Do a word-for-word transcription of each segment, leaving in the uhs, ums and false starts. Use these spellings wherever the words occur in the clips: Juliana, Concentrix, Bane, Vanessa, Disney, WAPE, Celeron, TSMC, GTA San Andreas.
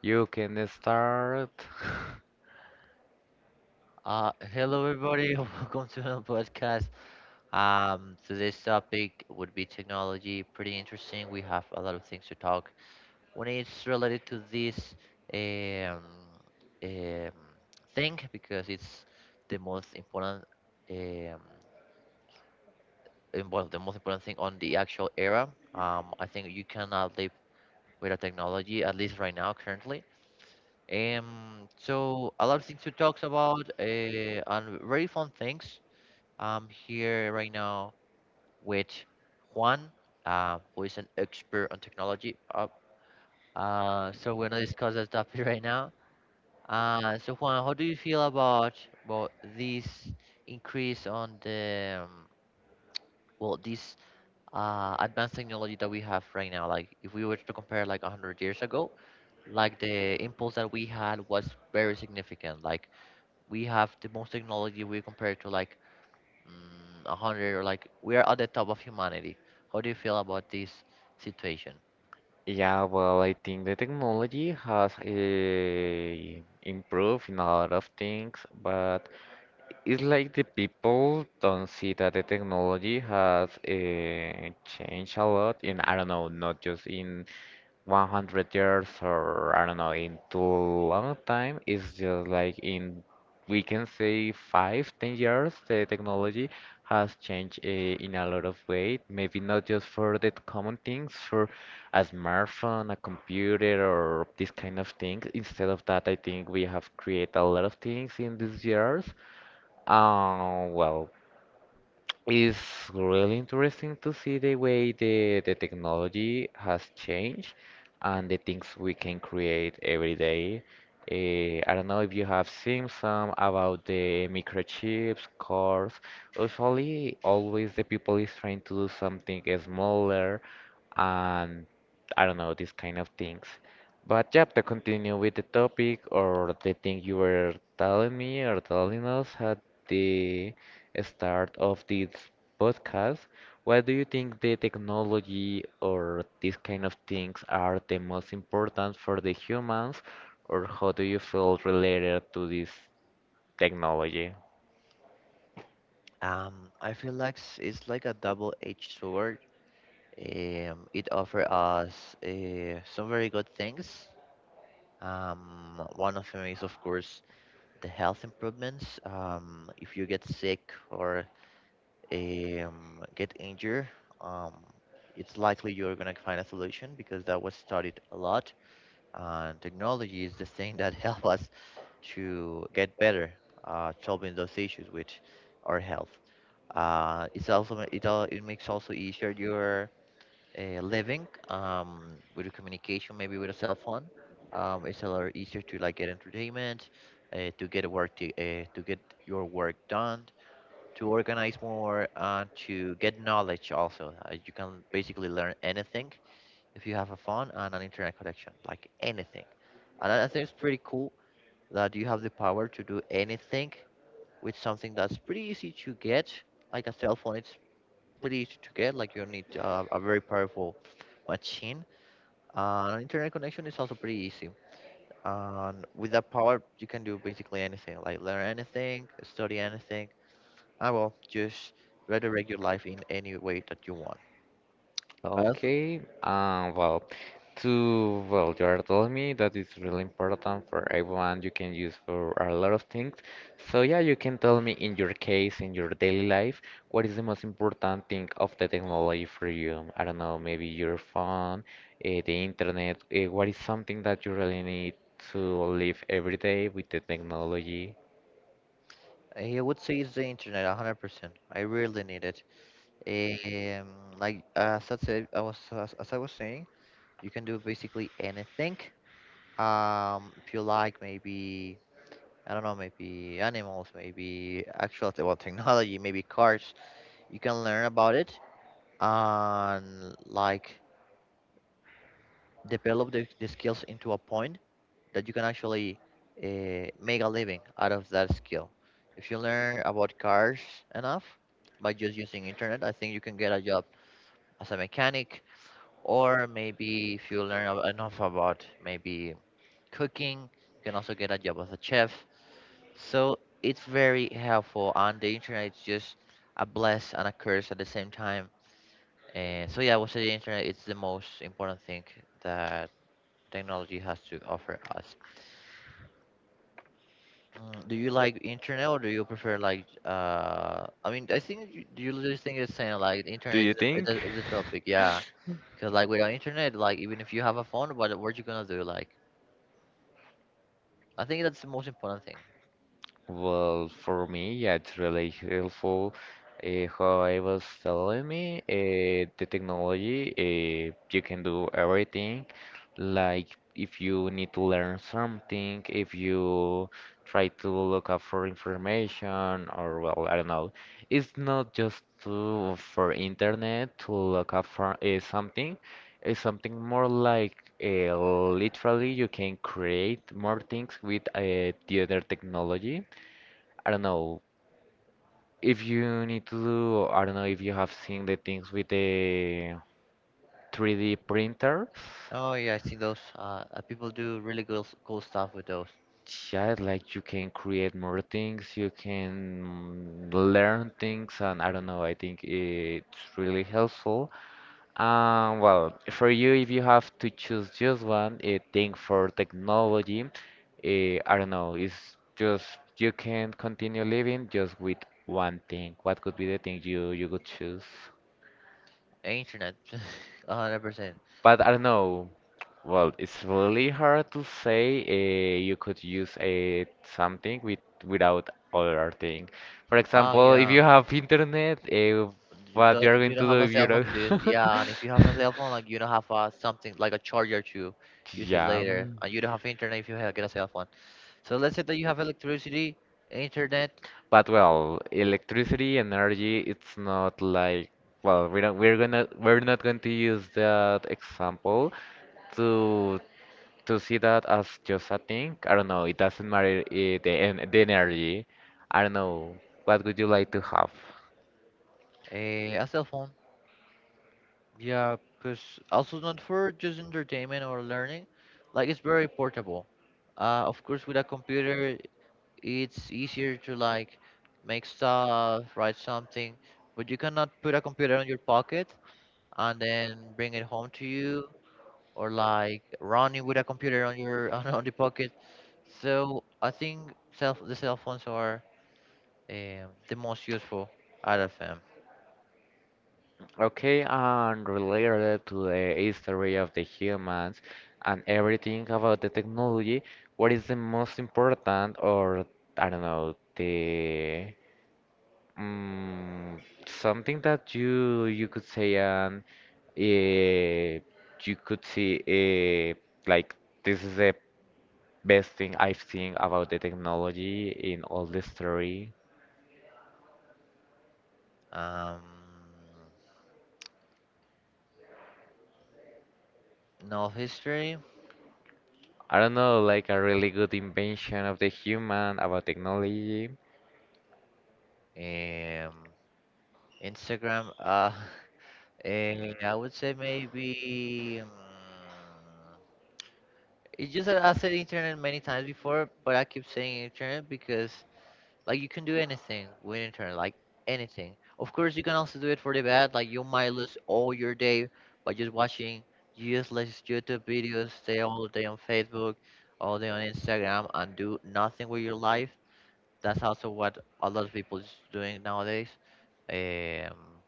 You can start. Uh, hello everybody, welcome to another podcast. Um, today's topic would be technology. Pretty interesting. We have a lot of things to talk. When it's related to this um, um, thing, because it's the most important, um, im- well, the most important thing on the actual era. Um, I think you cannot live without technology, at least right now, currently. Um, so a lot of things to talk about, uh, and very fun things. I'm here right now with Juan, uh, who is an expert on technology. Uh, uh, so we're gonna discuss that topic right now. Uh, so Juan, how do you feel about about this increase on the um, well, this uh, advanced technology that we have right now? Like, if we were to compare like a hundred years ago, like the impulse that we had was very significant. Like we have the most technology we compare to like mm, a hundred, or like we are at the top of humanity. How do you feel about this situation? Yeah, well, I think the technology has uh, improved in a lot of things, but it's like the people don't see that the technology has uh, changed a lot in, I don't know, not just in one hundred years or I don't know, in too long time. It's just like in, we can say five, ten years, the technology has changed uh, in a lot of way. Maybe not just for the common things, for a smartphone, a computer, or this kind of thing. Instead of that, I think we have created a lot of things in these years. um, well, it's really interesting to see the way the, the technology has changed and the things we can create every day. Eh, I don't know if you have seen some about the microchips, cars. Usually, always the people is trying to do something smaller and I don't know, these kind of things. But yeah, to continue with the topic or the thing you were telling me or telling us at the start of this podcast. Why do you think the technology or these kind of things are the most important for the humans, or how do you feel related to this technology? Um, I feel like s- it's like a double-edged sword. Um, it offers us uh, some very good things. Um, one of them is, of course, the health improvements. Um, if you get sick or um, get injured, um, it's likely you're gonna find a solution because that was studied a lot, and technology is the thing that help us to get better uh, solving those issues with our health. Uh, it's also it al- it makes also easier your uh, living, um, with the communication, maybe with a cell phone. Um, it's a lot easier to like get entertainment, uh, to get work to, uh, to get your work done, to organize more, uh, to get knowledge also. Uh, you can basically learn anything if you have a phone and an internet connection, like anything. And I I think it's pretty cool that you have the power to do anything with something that's pretty easy to get. Like a cell phone, it's pretty easy to get. Like you need uh, a very powerful machine. Uh, an internet connection is also pretty easy. And with that power, you can do basically anything, like learn anything, study anything. I will just redirect your life in any way that you want. I also, Okay. Um, well, to, well, you are telling me that it's really important for everyone. You can use for a lot of things. So yeah, you can tell me in your case, in your daily life, what is the most important thing of the technology for you? I don't know, maybe your phone, uh, the internet. Uh, what is something that you really need to live every day with the technology? I would say it's the internet, a hundred percent. I really need it. Um, like as I said, I was as, as I was saying, you can do basically anything. Um, if you like, maybe I don't know, maybe animals, maybe actual te- well technology, maybe cars. You can learn about it, and like develop the, the skills into a point that you can actually uh, make a living out of that skill. If you learn about cars enough by just using internet, I think you can get a job as a mechanic. Or maybe if you learn ab- enough about maybe cooking, you can also get a job as a chef. So it's very helpful, and the internet is just a bless and a curse at the same time. And so yeah, I would say the internet is the most important thing that technology has to offer us. Mm, do you like internet, or do you prefer like uh I mean, I think you, you just think it's saying like the internet is the, is the is the topic, yeah, because like without internet, like even if you have a phone, what what you gonna do? Like, I think that's the most important thing. Well, for me, yeah, it's really helpful. Uh, how I was telling me, uh, the technology, uh, you can do everything. Like if you need to learn something, if you try to look up for information, or well, I don't know. It's not just to for internet to look up for uh, something. It's something more like uh, literally you can create more things with uh, the other technology. I don't know if you need to do, I don't know if you have seen the things with the three D printers. Oh yeah, I see those. Uh, uh, people do really cool, s- cool stuff with those. Yeah, like you can create more things, you can learn things, and I don't know, I think it's really helpful. Um, well, for you, if you have to choose just one uh, thing for technology, uh, I don't know, it's just you can continue living just with one thing. What could be the thing you you could choose? Internet, a hundred percent. But I don't know. Well, it's really hard to say uh, you could use a something with without other thing. For Oh example, if yeah, you have internet, uh, you what don't you're going you to don't do have a if you cell phone don't? to use it. Yeah, and if you have a cell phone, like you don't have uh, something like a charger to use it Yeah. later, and you don't have internet if you have, get a cell phone. So let's say that you have electricity, internet, But well, electricity, energy, it's not like well, we don't we're gonna we're not going to use that example to to see that as just a thing. I don't know. It doesn't matter eh, the en- the energy. I don't know. What would you like to have? a, a cell phone. Yeah, because also not for just entertainment or learning, like it's very portable. Uh, of course, with a computer, it's easier to like make stuff, write something, but you cannot put a computer on your pocket and then bring it home to you, or like running with a computer on your on, on the pocket. So I think self the cell phones are um, the most useful out of them. Okay, and related to the history of the humans and everything about the technology, what is the most important, or I don't know, the mm, something that you you could say and uh, you could see uh, like this is the best thing I've seen about the technology in all the story. Um, no history. I don't know, like a really good invention of the human about technology. Um, Instagram. Uh, eh, I would say maybe. Um, It's just that I said internet many times before, but I keep saying internet because like you can do anything with internet, like anything. Of course, you can also do it for the bad. Like, you might lose all your day by just watching useless YouTube videos, stay all day on Facebook, all day on Instagram, and do nothing with your life. That's also what a lot of people is doing nowadays. Um,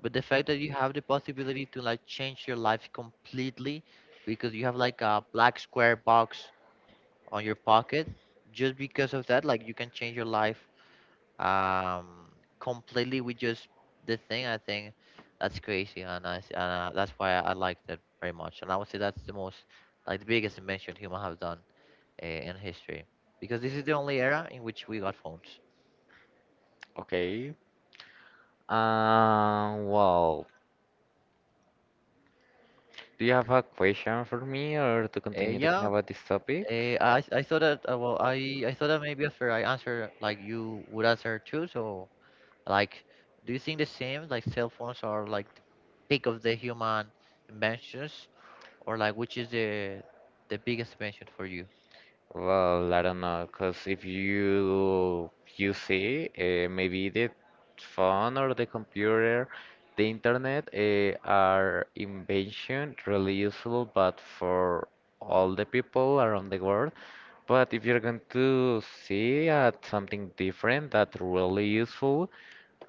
but the fact that you have the possibility to like change your life completely, because you have like a black square box on your pocket, just because of that, like you can change your life um completely with just the thing, I think that's crazy. And i s- and uh, that's why I liked it very much, and I would say that's the most, like, the biggest invention human have done uh, in history, because this is the only era in which we got phones. Okay. Um, well, do you have a question for me or to uh, continue talking Yeah. about this topic? uh, I, I thought that uh, well, I, I thought that maybe after I answer like you would answer too, so. Like, do you think the same? Like, cell phones are like the peak of the human inventions, or like which is the the biggest invention for you? Well, I don't know, know, cause if you you see, uh, maybe the phone or the computer, the internet, uh, are invention really useful, but for all the people around the world. But if you're going to see at something different that really useful,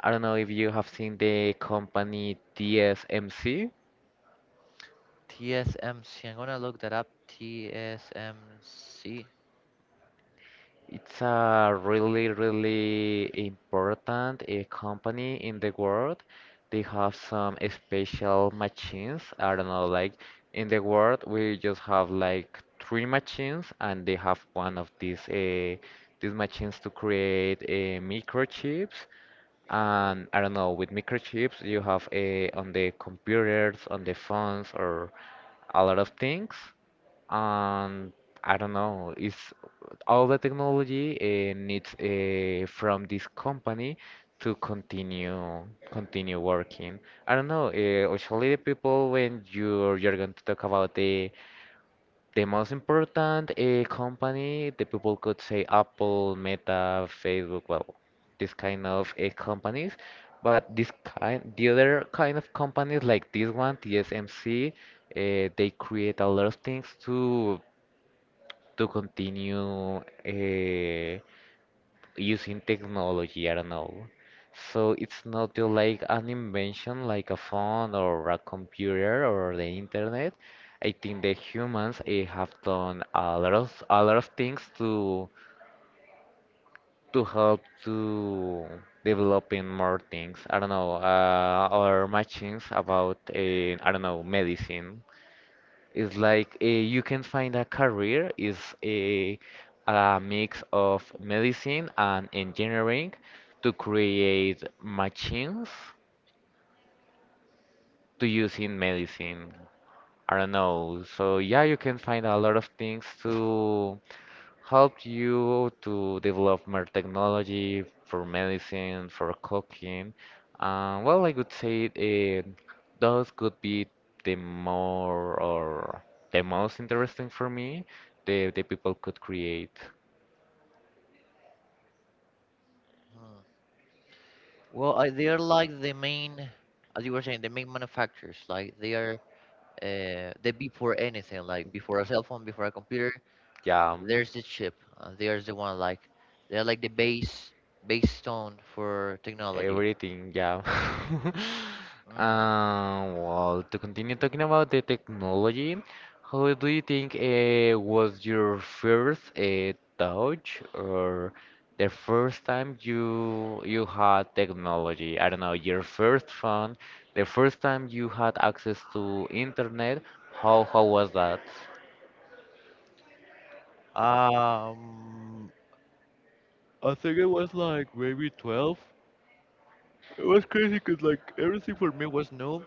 I don't know if you have seen the company T S M C. T S M C. I'm gonna look that up. T S M C. It's a really, really important uh, company in the world. They have some special machines. I don't know, like in the world we just have like three machines, and they have one of these uh, these machines to create uh, microchips. And I don't know, with microchips you have uh, on the computers, on the phones, or a lot of things. And I don't know, it's all the technology uh, needs uh, from this company to continue continue working. I don't know, uh, usually the people when you're you're going to talk about the the most important uh, company, the people could say Apple, Meta, Facebook, well, this kind of uh, companies. But this kind, the other kind of companies like this one, T S M C, uh, they create a lot of things to to continue uh, using technology, I don't know. So it's not just like an invention like a phone or a computer or the internet. I think the humans eh, have done a lot of a lot of things to to help to developing more things. I don't know, uh, or machines about uh, I don't know medicine. It's like uh, you can find a career is a, a mix of medicine and engineering to create machines to use in medicine. I don't know. So yeah, you can find a lot of things to help you to develop more technology for medicine, for cooking. Uh, well, I would say uh, those could be the more or the most interesting for me. The the people could create. Hmm. Well, I, they are like the main, as you were saying, the main manufacturers. Like they are, uh, they before anything. Like before a cell phone, before a computer, Yeah. there's the chip. Uh, there's the one like, they're like the base, base stone for technology. Everything, yeah. Mm. Um, well, to continue talking about the technology, how do you think uh, was your first uh, touch or the first time you you had technology? I don't know, your first phone, the first time you had access to internet, how how was that? Um, I think it was like maybe twelve. It was crazy because like everything for me was new,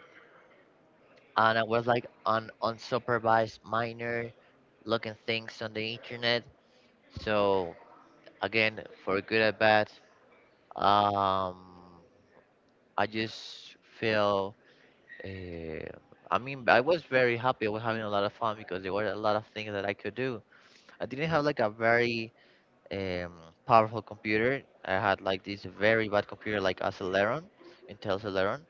and I was like an unsupervised minor looking things on the internet. So again, for good or bad, um, I just feel. Uh, I mean, I was very happy. I was having a lot of fun because there were a lot of things that I could do. I didn't have like a very um, powerful computer. I had like this very bad computer, like a Celeron, Intel Celeron,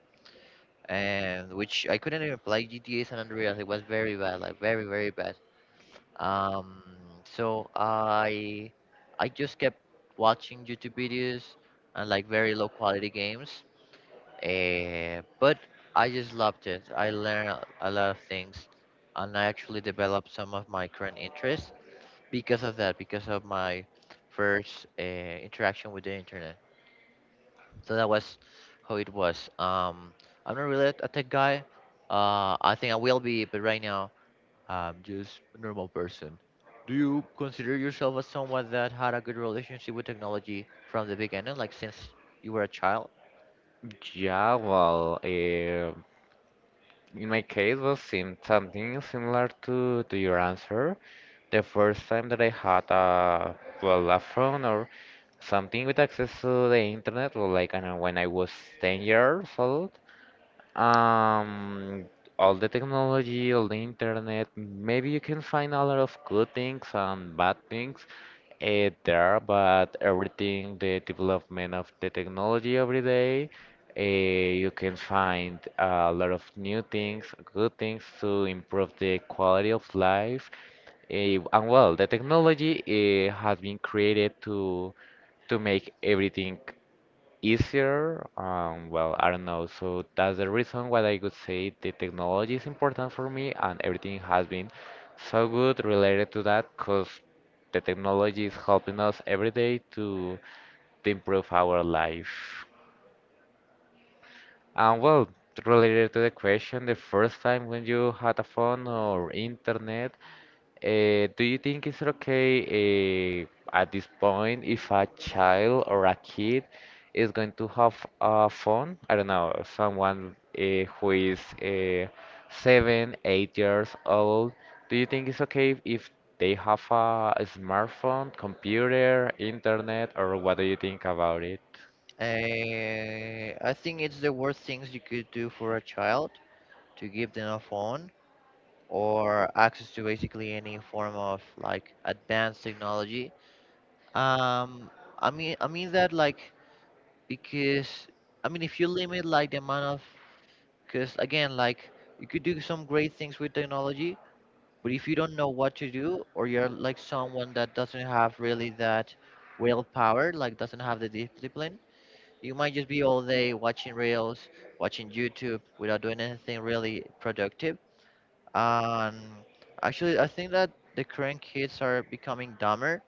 and which I couldn't even play G T A San Andreas. It was very bad, like very very bad. Um, so I I just kept watching YouTube videos and like very low quality games. Uh, but I just loved it. I learned a a lot of things, and I actually developed some of my current interests because of that, because of my first uh, interaction with the internet. So that was how it was. Um, I'm not really a tech guy. Uh, I think I will be, but right now I'm just a normal person. Do you consider yourself as someone that had a good relationship with technology from the beginning, like since you were a child? Yeah, well, uh, In my case was sim something similar to, to your answer. The first time that I had a well a phone or something with access to the internet, or like I don't know, when I was ten years old, um, all the technology, all the internet, maybe you can find a lot of good things and bad things uh, there, but everything, the development of the technology every day, uh, you can find a lot of new things, good things to improve the quality of life. Eh, and well, the technology uh, has been created to to make everything easier. Um, well, I don't know. So that's the reason why I could say the technology is important for me, and everything has been so good related to that, because the technology is helping us every day to to improve our life. And well, related to the question, the first time when you had a phone or internet, uh, do you think it's okay uh, at this point if a child or a kid is going to have a phone? I don't know, someone uh, who is uh, seven, eight years old. Do you think it's okay if they have a smartphone, computer, internet, or what do you think about it? Uh, I think it's the worst things you could do for a child, to give them a phone or access to basically any form of like advanced technology. Um, I mean, I mean that like, because I mean if you limit like the amount of, because again like you could do some great things with technology, but if you don't know what to do, or you're like someone that doesn't have really that willpower, like doesn't have the discipline, you might just be all day watching reels, watching YouTube without doing anything really productive. And actually, I think that the current kids are becoming dumber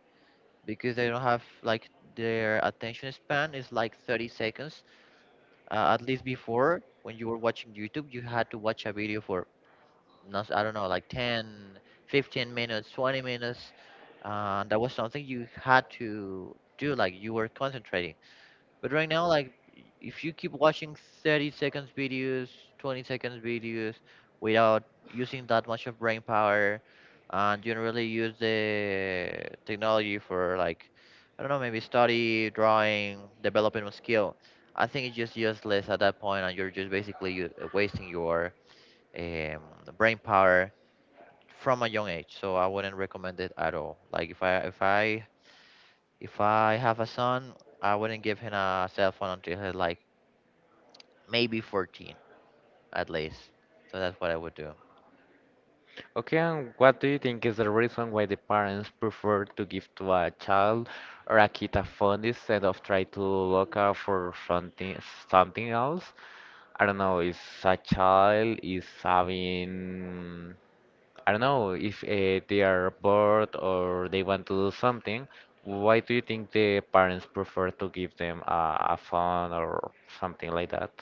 because they don't have like, their attention span is like thirty seconds. Uh, at least before, when you were watching YouTube, you had to watch a video for, not I don't know, like ten, fifteen minutes, twenty minutes. Uh, that was something you had to do, like you were concentrating. But right now, like, if you keep watching thirty seconds videos, twenty seconds videos without using that much of brain power, and you don't really use the technology for, like, I don't know, maybe study, drawing, developing a skill, I think it's just useless at that point, and you're just basically u- wasting your um, brain power from a young age. So I wouldn't recommend it at all. Like, if I, if I, if I have a son, I wouldn't give him a cell phone until he's like maybe fourteen at least. So that's what I would do. Okay, and what do you think is the reason why the parents prefer to give to a child or a kid a phone instead of try to look out for something something else? I don't know, is a child is having I don't know if uh, they are bored or they want to do something. Why do you think the parents prefer to give them a, a phone or something like that?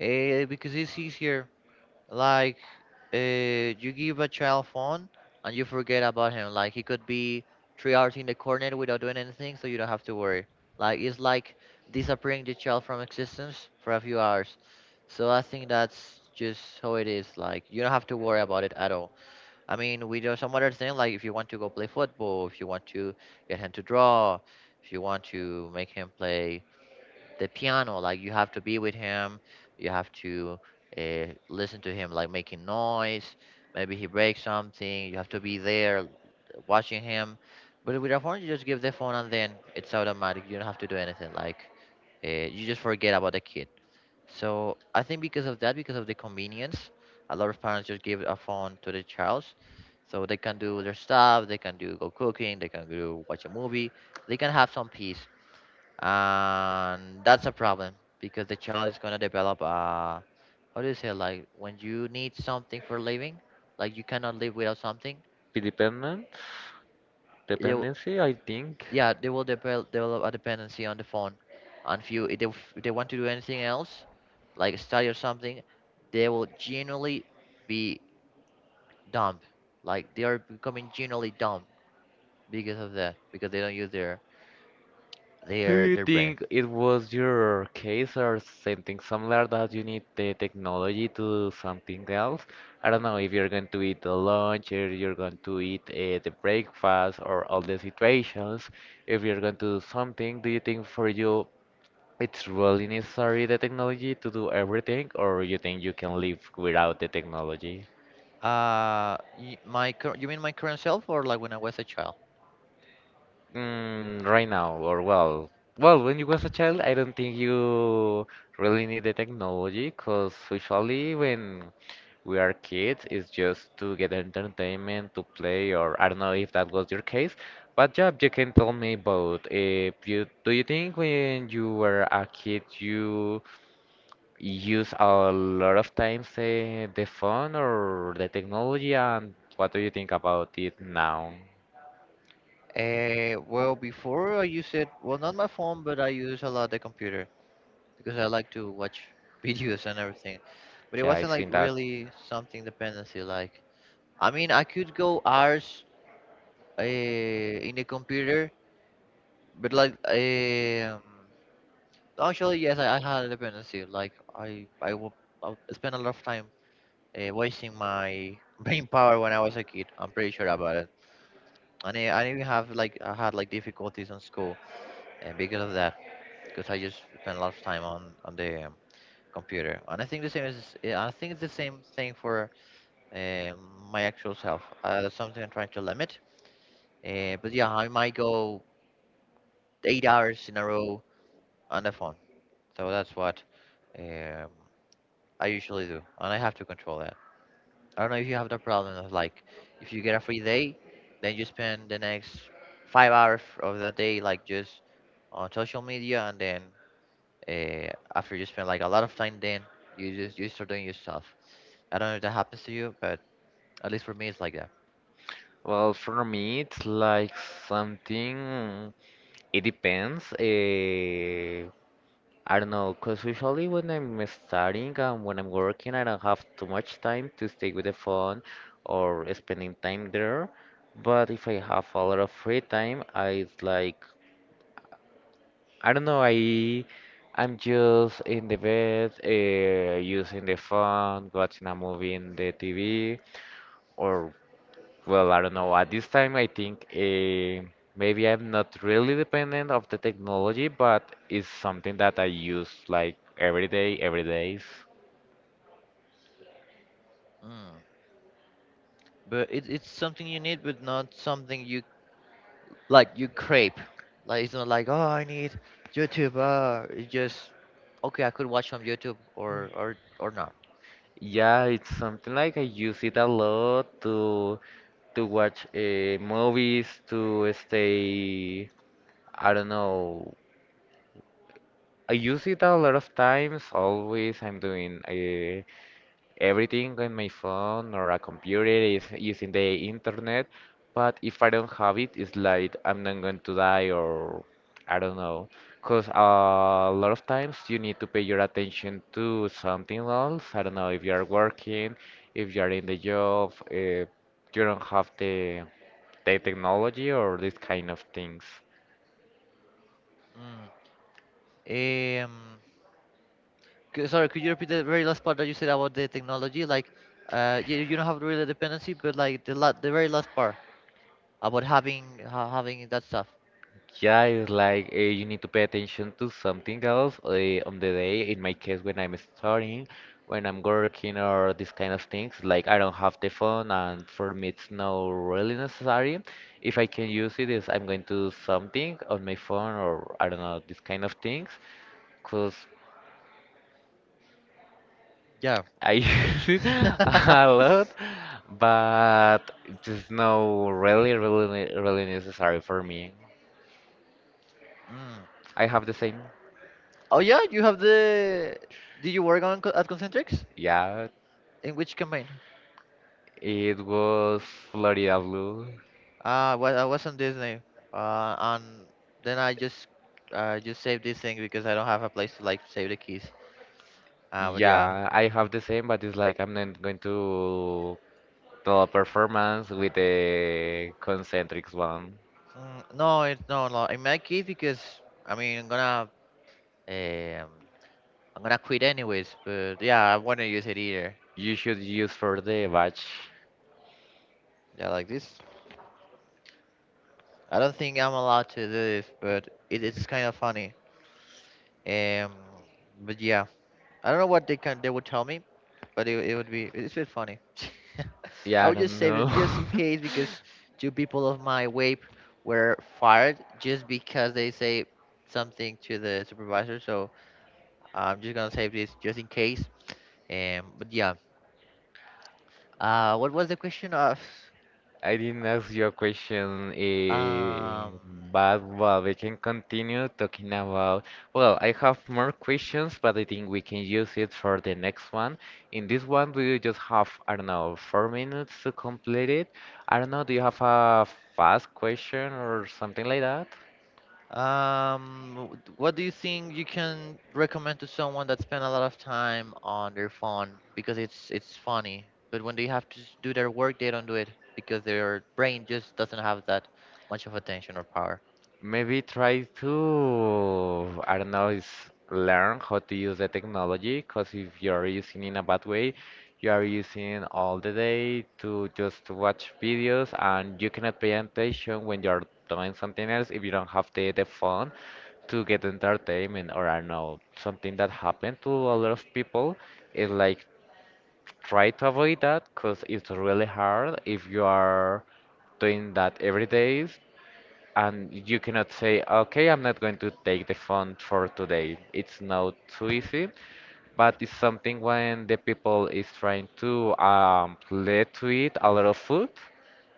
Eh, because it's easier. Like, uh, you give a child phone and you forget about him. Like, he could be three hours in the corner without doing anything, so you don't have to worry. Like, it's like disappearing the child from existence for a few hours. So I think that's just how it is. Like, you don't have to worry about it at all. I mean, we do some other thing. Like, if you want to go play football, if you want to get him to draw, if you want to make him play the piano, like you have to be with him, you have to uh, listen to him, like making noise. Maybe he breaks something, you have to be there watching him. But with a phone, you just give the phone and then it's automatic, you don't have to do anything. Like, uh, you just forget about the kid. So I think because of that, because of the convenience, a lot of parents just give a phone to the child so they can do their stuff, they can do, go cooking, they can go watch a movie, they can have some peace. And that's a problem because the child is gonna develop uh how do you say, like when you need something for living, like you cannot live without something. Dependent, They will, dependency, I think. yeah, they will develop develop a dependency on the phone. And if you if they, if they want to do anything else, like study or something, they will generally be dumb. Like they are becoming generally dumb because of that, because they don't use their Do their you their brain. think it was your case or something similar that you need the technology to do something else? I don't know if you're going to eat the lunch, or you're going to eat uh, the breakfast, or all the situations. If you're going to do something, do you think for you it's really necessary the technology to do everything, or you think you can live without the technology? Uh, y- my cur- you mean my current self, or like when I was a child? Mm, right now, or well, well, when you was a child, I don't think you really need the technology, cause usually when we are kids, it's just to get entertainment, to play, or I don't know if that was your case. But Job, you can tell me about if you do you think when you were a kid you use a lot of times uh, the phone or the technology, and what do you think about it now? Uh, well, before I use it, well, not my phone, but I use a lot the computer because I like to watch videos and everything. But it Yeah, wasn't I've like seen that. really something dependency. Like, I mean, I could go hours uh, in the computer, but like, um, actually, yes, I, I had a dependency. Like I, I would, I would spend a lot of time uh, wasting my brain power when I was a kid. I'm pretty sure about it. And I, I even have, like I had like difficulties in school, and because of that, because I just spent a lot of time on on the um, computer. And I think the same is, yeah, I think it's the same thing for um, my actual self. Uh, that's something I'm trying to limit. Uh, but yeah, I might go eight hours in a row on the phone. So that's what Um, I usually do, and I have to control that. I don't know if you have the problem of, like, if you get a free day, then you spend the next five hours of that day like just on social media, and then uh, after you spend like a lot of time, then you just you start doing your stuff. I don't know if that happens to you, but at least for me, it's like that. Well, for me, it's like something. It depends. Uh, I don't know, because usually when I'm studying and when I'm working, I don't have too much time to stay with the phone or spending time there. But if I have a lot of free time, I like, I don't know, I I'm just in the bed, uh, using the phone, watching a movie in the T V, or well, I don't know. At this time, I think uh, maybe I'm not really dependent of the technology, but it's something that I use like every day, every days. Mm. But it's it's something you need, but not something you, like, you crave. Like it's not like, oh, I need YouTube. Uh, it's just, okay, I could watch on YouTube or or or not. Yeah, it's something like I use it a lot to to watch uh, movies, to stay. I don't know. I use it a lot of times. Always, I'm doing. Uh, everything on my phone or a computer is using the internet, but if I don't have it, it's like I'm not going to die or I don't know. Because a lot of times you need to pay your attention to something else. I don't know if you are working, if you are in the job, if you don't have the, the technology or these kind of things. Mm. Um, c- Sorry, could you repeat the very last part that you said about the technology? Like, uh, you, you don't have really a dependency, but like the la the very last part about having ha having that stuff. Yeah, it's like uh, you need to pay attention to something else uh, on the day. In my case, when I'm studying, when I'm working, or these kind of things, like I don't have the phone, and for me, it's not really necessary. If I can use it, is I'm going to do something on my phone, or I don't know, these kind of things, because Yeah. I use it a lot, but it's not really, really, really necessary for me. Mm. I have the same. Oh yeah, you have the. Did you work on co- at Concentrix? Yeah, In which campaign? it was Florida Blue. Uh, well, I was on Disney. Uh, and then I just uh just saved this thing because I don't have a place to, like, save the keys. Uh, but yeah. Yeah, I have the same, but it's like I'm not going to do a performance with the concentrics one. Mm, no, it's no, no. In my case, because I mean, I'm gonna Um, I'm gonna quit anyways, but yeah, I wanna use it either. You should use for the batch. Yeah, like this. I don't think I'm allowed to do this, but it, it's kind of funny. Um, but yeah, I don't know what they can they would tell me, but it, it would be, it's a bit funny. Yeah, I I would just don't save know. it just in case because two people of my W A P E were fired just because they say something to the supervisor. So I'm just gonna save this just in case. Um, but yeah. Uh, what was the question of? I didn't ask you a question, Um, eh, but well, we can continue talking about. Well, I have more questions, but I think we can use it for the next one. In this one, we just have, I don't know, four minutes to complete it. I don't know, do you have a fast question or something like that? um, w- what do you think you can recommend to someone that spend a lot of time on their phone, because it's it's funny, but when they have to s- do their work, they don't do it because their brain just doesn't have that much of attention or power? Maybe try to, I don't know, is learn how to use the technology, because if you're using in a bad way, you are using all the day to just watch videos and you cannot pay attention when you're doing something else if you don't have the, the phone to get entertainment or I don't know, something that happened to a lot of people is like try to avoid that because it's really hard if you are doing that every day and you cannot say, okay, I'm not going to take the phone for today. It's not too easy, but it's something when the people is trying to um, let to eat a lot of food.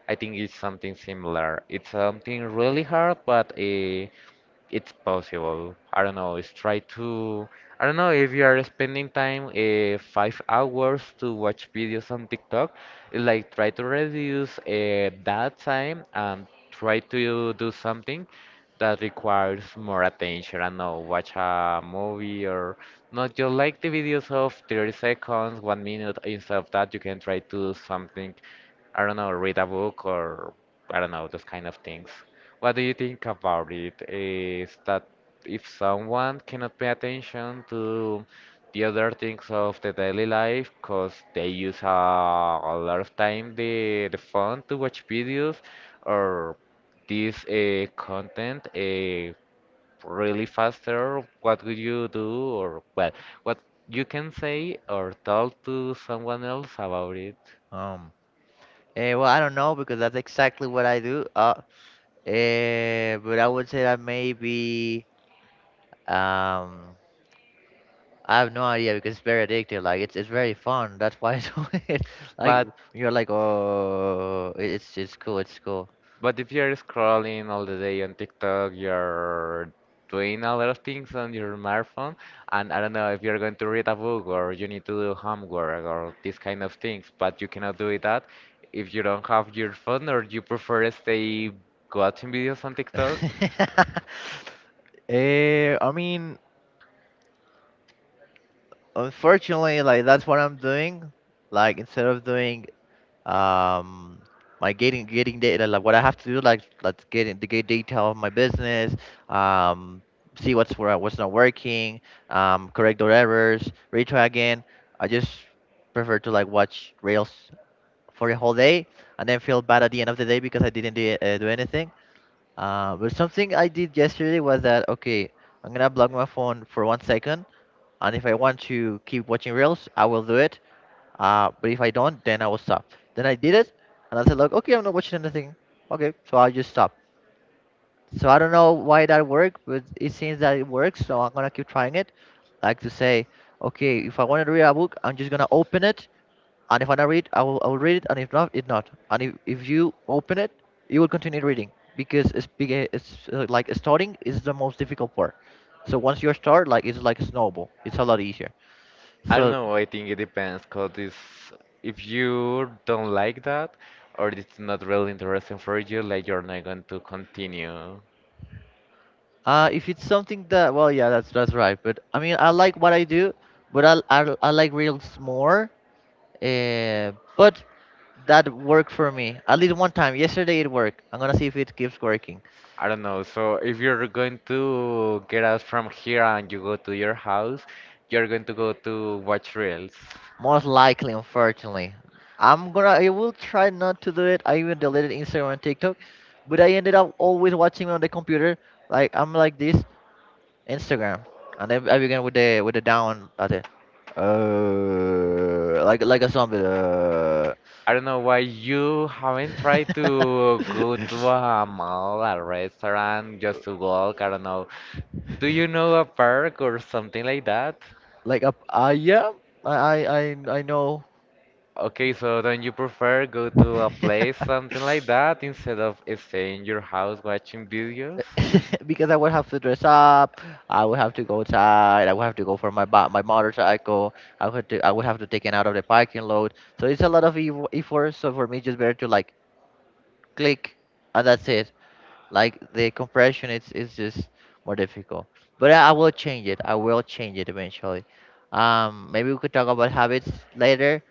I think it's something similar. It's something really hard, but uh, it's possible. I don't know. It's try to. I don't know if you are spending time uh, five hours to watch videos on TikTok. Like try to reduce uh, that time and try to do something that requires more attention. I don't know, watch a movie or not just like the videos of thirty seconds, one minute. Instead of that, you can try to do something. I don't know, read a book or I don't know, those kind of things. What do you think about it? Is that if someone cannot pay attention to the other things of the daily life, because they use a, a lot of time the the phone to watch videos or this uh, content uh, really faster, what would you do or well, what you can say or tell to someone else about it? Um, eh, well, I don't know because that's exactly what I do. Uh, eh, but I would say that maybe um I have no idea because it's very addictive. Like it's it's very fun. That's why I do it. Like But you're like, oh, it- it's it's cool. It's cool. But if you're scrolling all the day on TikTok, you're doing a lot of things on your smartphone, and I don't know if you're going to read a book or you need to do homework or these kind of things, but you cannot do it that if you don't have your phone or you prefer to stay watching videos on TikTok. Eh, I mean, unfortunately, like that's what I'm doing. Like instead of doing um my getting getting data, like what I have to do, like let's get in to get detail of my business, um, see what's where what's not working, um, correct those errors, retry again. I just prefer to, like, watch reels for a whole day and then feel bad at the end of the day because I didn't do, uh, do anything. Uh, but something I did yesterday was that, okay, I'm gonna block my phone for one second, and if I want to keep watching reels, I will do it. Uh, but if I don't, then I will stop. Then I did it, and I said, look, okay, I'm not watching anything. Okay, so I'll just stop. So I don't know why that worked, but it seems that it works. So I'm gonna keep trying it, like to say, okay, if I want to read a book, I'm just gonna open it, and if I don't read, I will, I will read it, and if not, it not. And if, if you open it, you will continue reading because it's big. It's, uh, like, starting is the most difficult part. So once you start, like it's like a snowball. It's a lot easier. I don't So know, I think it depends. Because if you don't like that or it's not really interesting for you, like you're not going to continue. uh, if it's something that, well, yeah, that's that's right. But I mean, I like what I do, but I I, I like reels more. Uh, but that worked for me at least one time. Yesterday it worked. I'm gonna see if it keeps working. I don't know. So if you're going to get out from here and you go to your house, you're going to go to watch reels. Most likely, unfortunately. I'm gonna I will try not to do it. I even deleted Instagram and TikTok, but I ended up always watching on the computer. Like I'm like this, Instagram, and then I began with the with the down at the uh like like a zombie, uh I don't know why you haven't tried to go to a mall, a restaurant, just to walk. I don't know. Do you know a park or something like that? like a, I, yeah, I I I I know. Okay, so don't you prefer go to a place, something like that, instead of staying in your house watching videos? Because I would have to dress up. I would have to go outside. I would have to go for my ba- my motorcycle. I would to, I would have to take it out of the parking load. So it's a lot of eff- effort. So for me, it's just better to, like, click, and that's it. Like the compression, it's it's just more difficult. But I, I will change it. I will change it eventually. Um, maybe we could talk about habits later.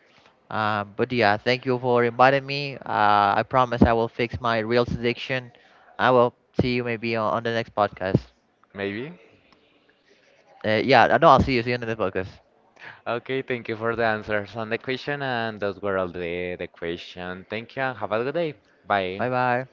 Uh, but yeah, thank you for inviting me. Uh, I promise I will fix my real addiction. I will see you maybe on on the next podcast. Maybe? Uh, yeah, no, I'll see you. See you in the podcast. Okay, thank you for the answers on the question, and those were all the, the question. Thank you, and have a good day. Bye. Bye bye.